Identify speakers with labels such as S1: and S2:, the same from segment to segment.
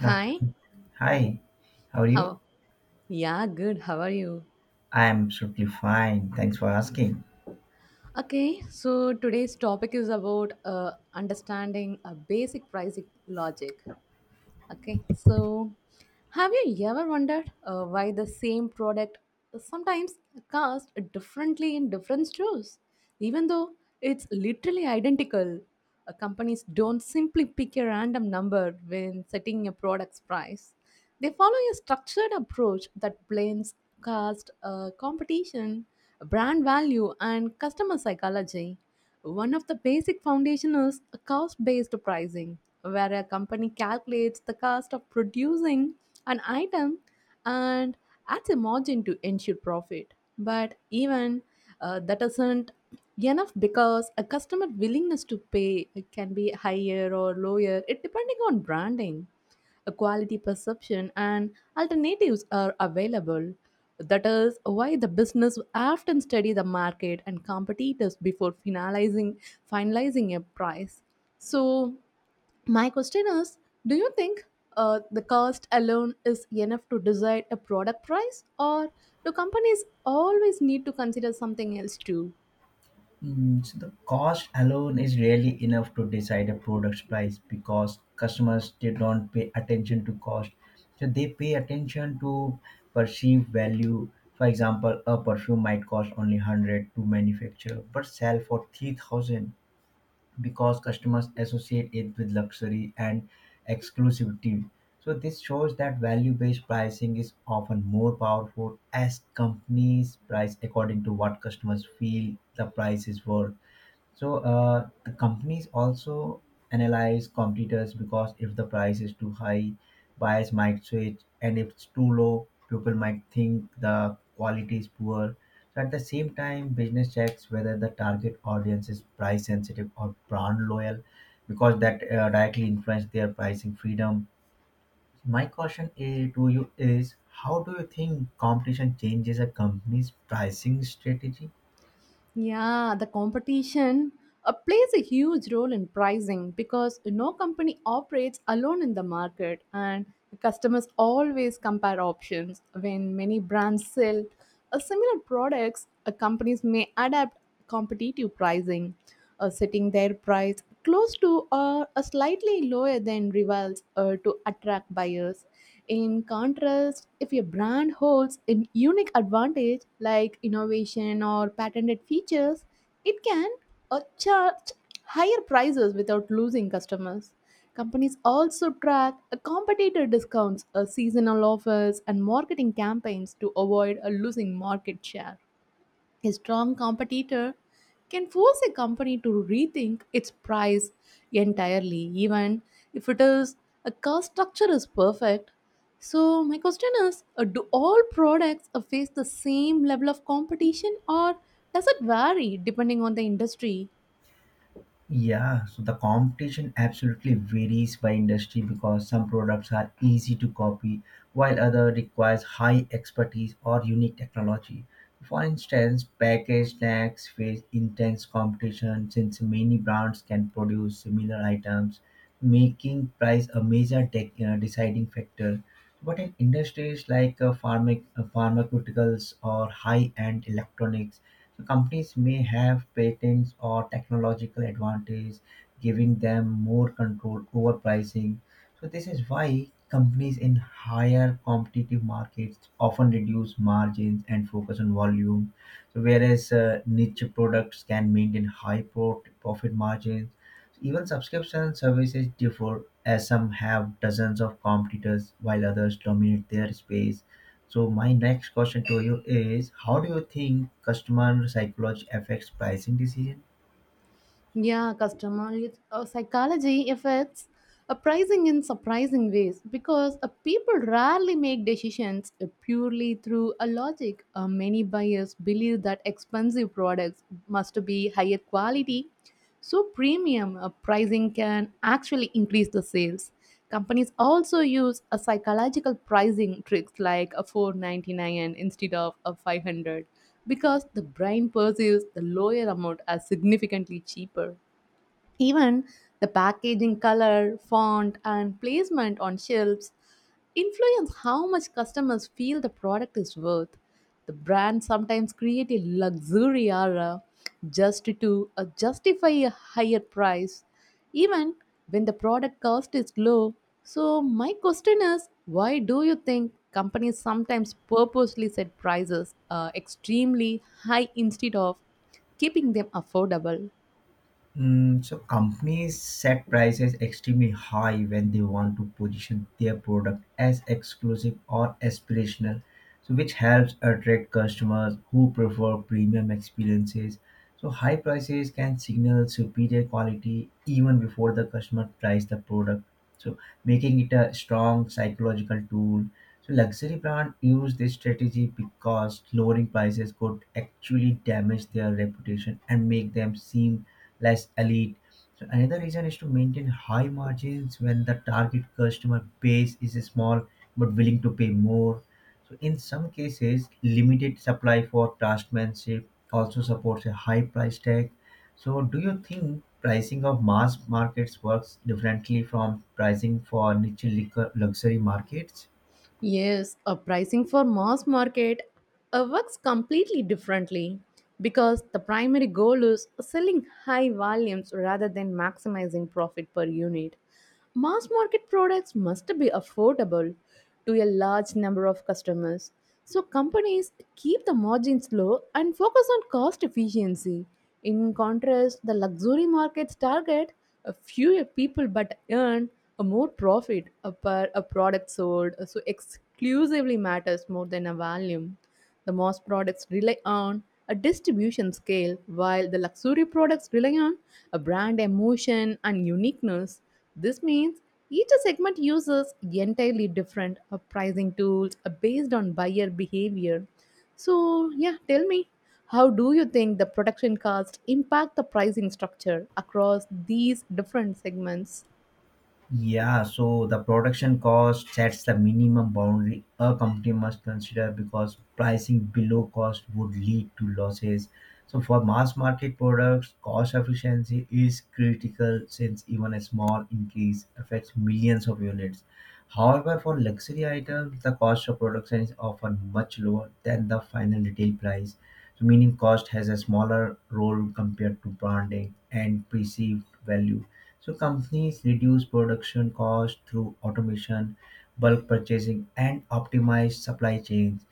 S1: Yeah,
S2: Hi,
S1: hi, how are you?
S2: how? Yeah, good. How are you?
S1: I am absolutely fine. Thanks for asking.
S2: Okay, so today's topic is about understanding a basic pricing logic. Okay, so have you ever wondered why the same product sometimes costs differently in different stores, even though it's literally identical? Companies don't simply pick a random number when setting a product's price. They follow a structured approach that blends cost, competition, brand value, and customer psychology. One of the basic foundation is cost based pricing, where a company calculates the cost of producing an item and adds a margin to ensure profit. But even that isn't enough because a customer willingness to pay can be higher or lower, it depending on branding a quality perception and alternatives are available. That is why the business often study the market and competitors before finalizing a price. So my question is, do you think the cost alone is enough to decide a product price, or do companies always need to consider something else too?
S1: So the cost alone is really enough to decide a product's price because customers they don't pay attention to cost. So they pay attention to perceived value. For example, a perfume might cost only 100 to manufacture, but sell for 3,000, because customers associate it with luxury and exclusivity. So this shows that value-based pricing is often more powerful as companies price according to what customers feel the price is worth. So the companies also analyze competitors because if the price is too high, buyers might switch, and if it's too low, people might think the quality is poor. So at the same time, business checks whether the target audience is price sensitive or brand loyal, because that directly influence their pricing freedom. My question is, to you is, how do you think competition changes a company's pricing strategy?
S2: Yeah, the competition plays a huge role in pricing because no company operates alone in the market, and customers always compare options. When many brands sell similar products, companies may adapt competitive pricing, setting their price close to or a slightly lower than rivals to attract buyers. In contrast, if your brand holds a unique advantage like innovation or patented features, it can charge higher prices without losing customers. Companies also track competitor discounts, seasonal offers, and marketing campaigns to avoid a losing market share. A strong competitor can force a company to rethink its price entirely, even if it is a cost structure is perfect. So my question is: do all products face the same level of competition, or does it vary depending on the industry?
S1: Yeah, so the competition absolutely varies by industry because some products are easy to copy while other requires high expertise or unique technology. For instance, packaged snacks face intense competition since many brands can produce similar items, making price a major deciding factor. But in industries like uh, pharmaceuticals or high-end electronics, so companies may have patents or technological advantage, giving them more control over pricing. So this is why companies in higher competitive markets often reduce margins and focus on volume. So whereas niche products can maintain high profit margins, even subscription services differ, as some have dozens of competitors while others dominate their space. So, my next question to you is, how do you think customer psychology affects pricing decisions?
S2: Yeah, customer psychology affects a pricing in surprising ways because people rarely make decisions purely through a logic. Many buyers believe that expensive products must be higher quality, so premium pricing can actually increase the sales. Companies also use a psychological pricing tricks like a 499 instead of a 500 because the brain perceives the lower amount as significantly cheaper. Even the packaging, color, font, and placement on shelves influence how much customers feel the product is worth. The brands sometimes create a luxury aura just to justify a higher price, even when the product cost is low. So my question is, why do you think companies sometimes purposely set prices extremely high instead of keeping them affordable?
S1: So companies set prices extremely high when they want to position their product as exclusive or aspirational, so which helps attract customers who prefer premium experiences. So high prices can signal superior quality even before the customer tries the product. So making it a strong psychological tool, so luxury brand use this strategy because lowering prices could actually damage their reputation and make them seem less elite. So another reason is to maintain high margins when the target customer base is small but willing to pay more. So in some cases, limited supply for craftsmanship also supports a high price tag. So do you think pricing of mass markets works differently from pricing for niche liquor luxury markets?
S2: Yes, a pricing for mass market works completely differently because the primary goal is selling high volumes rather than maximizing profit per unit. Mass market products must be affordable to a large number of customers, so companies keep the margins low and focus on cost efficiency. In contrast, the luxury markets target a fewer people but earn a more profit a per a product sold, so exclusively matters more than a volume. The mass products rely on a distribution scale, while the luxury products rely on a brand emotion and uniqueness. This means each segment uses entirely different pricing tools based on buyer behavior. So, yeah, tell me, how do you think the production costs impact the pricing structure across these different segments?
S1: Yeah, so the production cost sets the minimum boundary a company must consider because pricing below cost would lead to losses. So for mass market products, cost efficiency is critical since even a small increase affects millions of units. However, for luxury items, the cost of production is often much lower than the final retail price. So, meaning cost has a smaller role compared to branding and perceived value. So companies reduce production cost through automation, bulk purchasing, and optimize supply chains.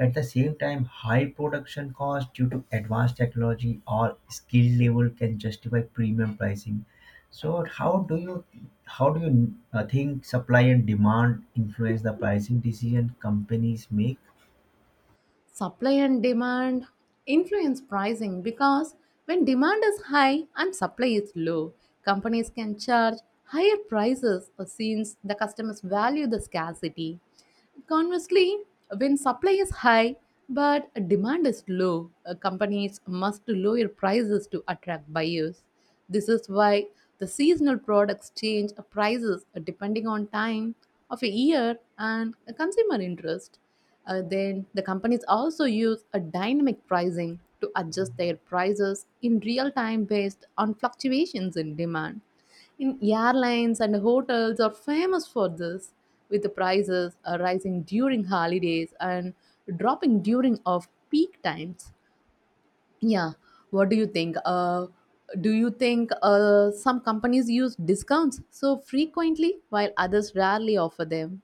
S1: At the same time, high production cost due to advanced technology or skill level can justify premium pricing. So how do you how do you think supply and demand influence the pricing decision companies make?
S2: Supply and demand influence pricing because when demand is high and supply is low, companies can charge higher prices since the customers value the scarcity. Conversely, when supply is high but demand is low, companies must lower prices to attract buyers. This is why the seasonal products change prices depending on time of a year and consumer interest. Then the companies also use a dynamic pricing to adjust their prices in real time based on fluctuations in demand. In airlines and hotels are famous for this, with the prices rising during holidays and dropping during off peak times. Yeah, what do you think? Do you think some companies use discounts so frequently while others rarely offer them?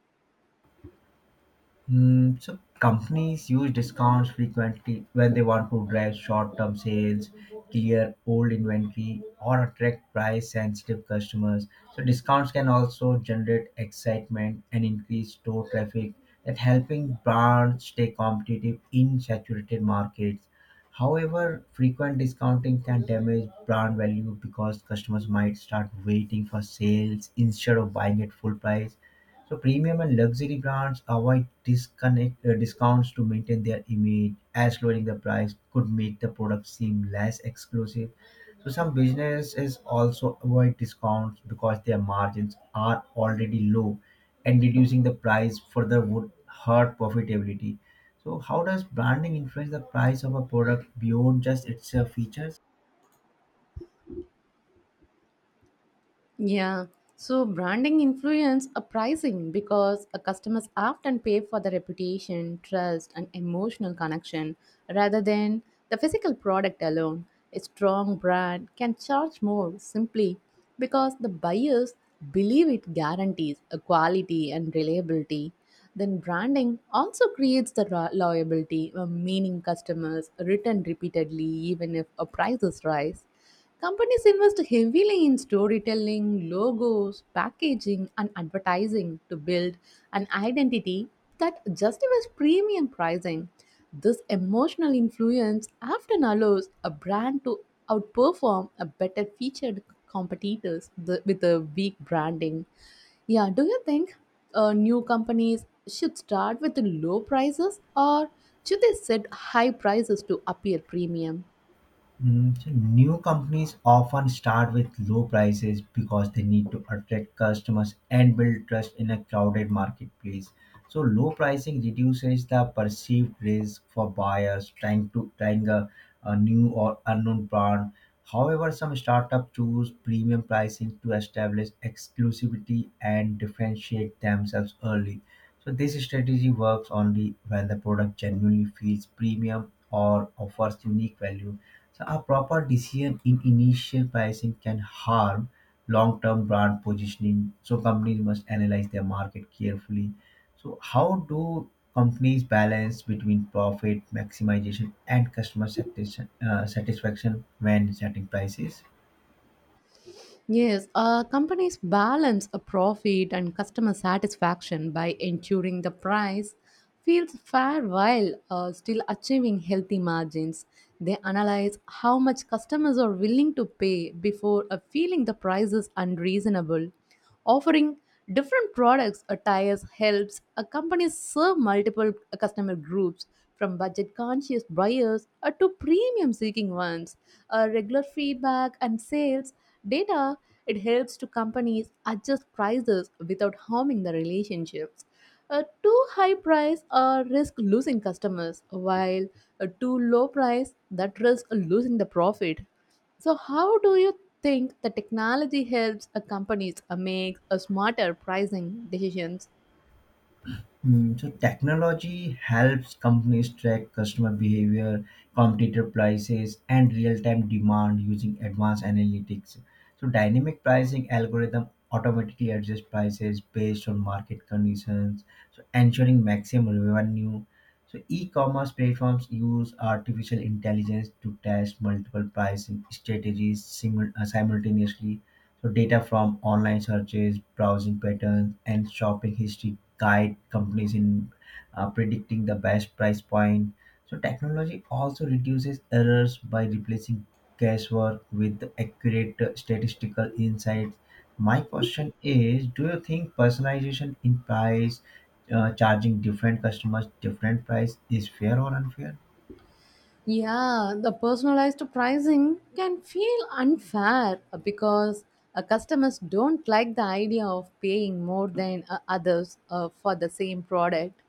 S1: So companies use discounts frequently when they want to drive short-term sales, clear old inventory, or attract price-sensitive customers. So discounts can also generate excitement and increase store traffic, that helping brands stay competitive in saturated markets. However, frequent discounting can damage brand value because customers might start waiting for sales instead of buying at full price, so premium and luxury brands avoid disconnect discounts to maintain their image, as lowering the price could make the product seem less exclusive. So some businesses also avoid discounts because their margins are already low, and reducing the price further would hurt profitability. So how does branding influence the price of a product beyond just its features?
S2: Yeah. So branding influence a pricing because a customers often pay for the reputation, trust, and emotional connection rather than the physical product alone. A strong brand can charge more simply because the buyers believe it guarantees a quality and reliability. Then branding also creates the loyalty, meaning customers return repeatedly even if a prices rise. Companies invest heavily in storytelling, logos, packaging, and advertising to build an identity that justifies premium pricing. This emotional influence often allows a brand to outperform a better featured competitors with a weak branding. Yeah, do you think new companies should start with low prices or should they set high prices to appear premium?
S1: So new companies often start with low prices because they need to attract customers and build trust in a crowded marketplace. So low pricing reduces the perceived risk for buyers trying a new or unknown brand. However, some startups choose premium pricing to establish exclusivity and differentiate themselves early. So this strategy works only when the product genuinely feels premium or offers unique value. So a proper decision in initial pricing can harm long-term brand positioning. So companies must analyze their market carefully. So how do companies balance between profit maximization and customer satisfaction when setting prices?
S2: Yes, companies balance a profit and customer satisfaction by ensuring the price feels fair while still achieving healthy margins. They analyze how much customers are willing to pay before feeling the price is unreasonable. Offering different products or tires helps a company serve multiple customer groups from budget conscious buyers to premium seeking ones. Regular feedback and sales data it helps to companies adjust prices without harming the relationships. A too high price risk losing customers, while a too low price that risk losing the profit. So, how do you think the technology helps a companies make a smarter pricing decisions?
S1: Hmm, so technology helps companies track customer behavior, competitor prices, and real-time demand using advanced analytics. So dynamic pricing algorithm automatically adjusts prices based on market conditions, so ensuring maximum revenue. So e-commerce platforms use artificial intelligence to test multiple pricing strategies simultaneously, so data from online searches, browsing patterns, and shopping history guide companies in predicting the best price point. So technology also reduces errors by replacing guesswork with accurate statistical insights. My question is, do you think personalization in price, charging different customers different price is fair or unfair?
S2: Yeah, the personalized pricing can feel unfair because customers don't like the idea of paying more than others for the same product.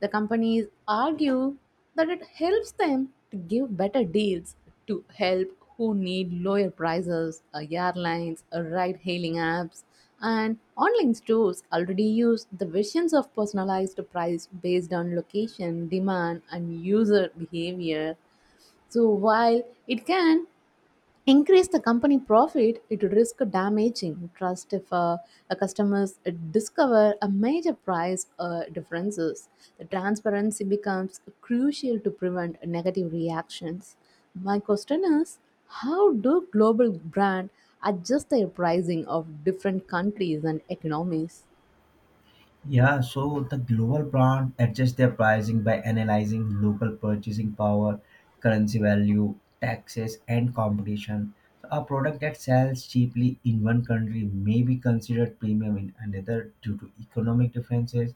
S2: The companies argue that it helps them to give better deals to help who need lower prices. Airlines, ride hailing apps, and online stores already use the visions of personalized price based on location, demand, and user behavior so while it can increase the company profit, it would risk damaging trust if a customers discover a major price differences. The transparency becomes crucial to prevent negative reactions. My question is, how do global brand adjust their pricing of different countries and economies?
S1: Yeah, so the global brand adjusts their pricing by analyzing local purchasing power, currency value, taxes, and competition. So a product that sells cheaply in one country may be considered premium in another due to economic differences.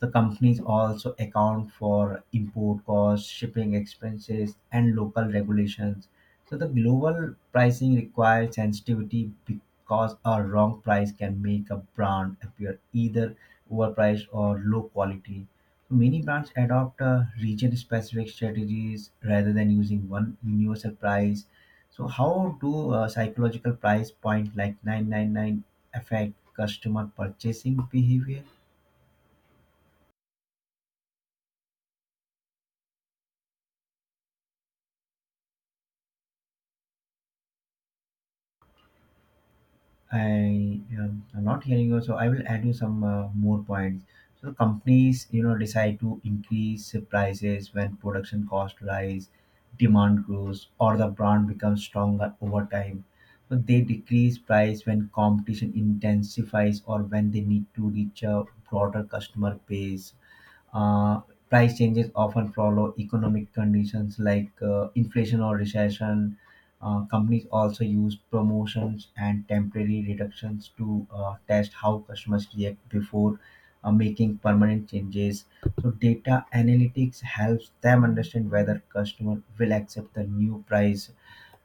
S1: The companies also account for import costs, shipping expenses, and local regulations. So the global pricing requires sensitivity because a wrong price can make a brand appear either overpriced or low quality. So, many brands adopt region-specific strategies rather than using one universal price. So how do psychological price point like 999 affect customer purchasing behavior? I'm not hearing you, so I will add you some more points. So companies, you know, decide to increase prices when production costs rise, demand grows, or the brand becomes stronger over time. So they decrease price when competition intensifies or when they need to reach a broader customer base. uh, Price changes often follow economic conditions like inflation or recession. Companies also use promotions and temporary reductions to test how customers react before making permanent changes. So, data analytics helps them understand whether customer will accept the new price.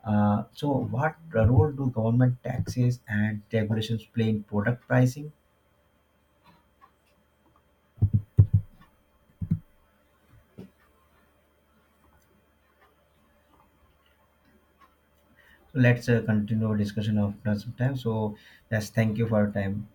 S1: So, what role do government taxes and regulations play in product pricing? So, let's continue our discussion after some time. So, yes, thank you for your time.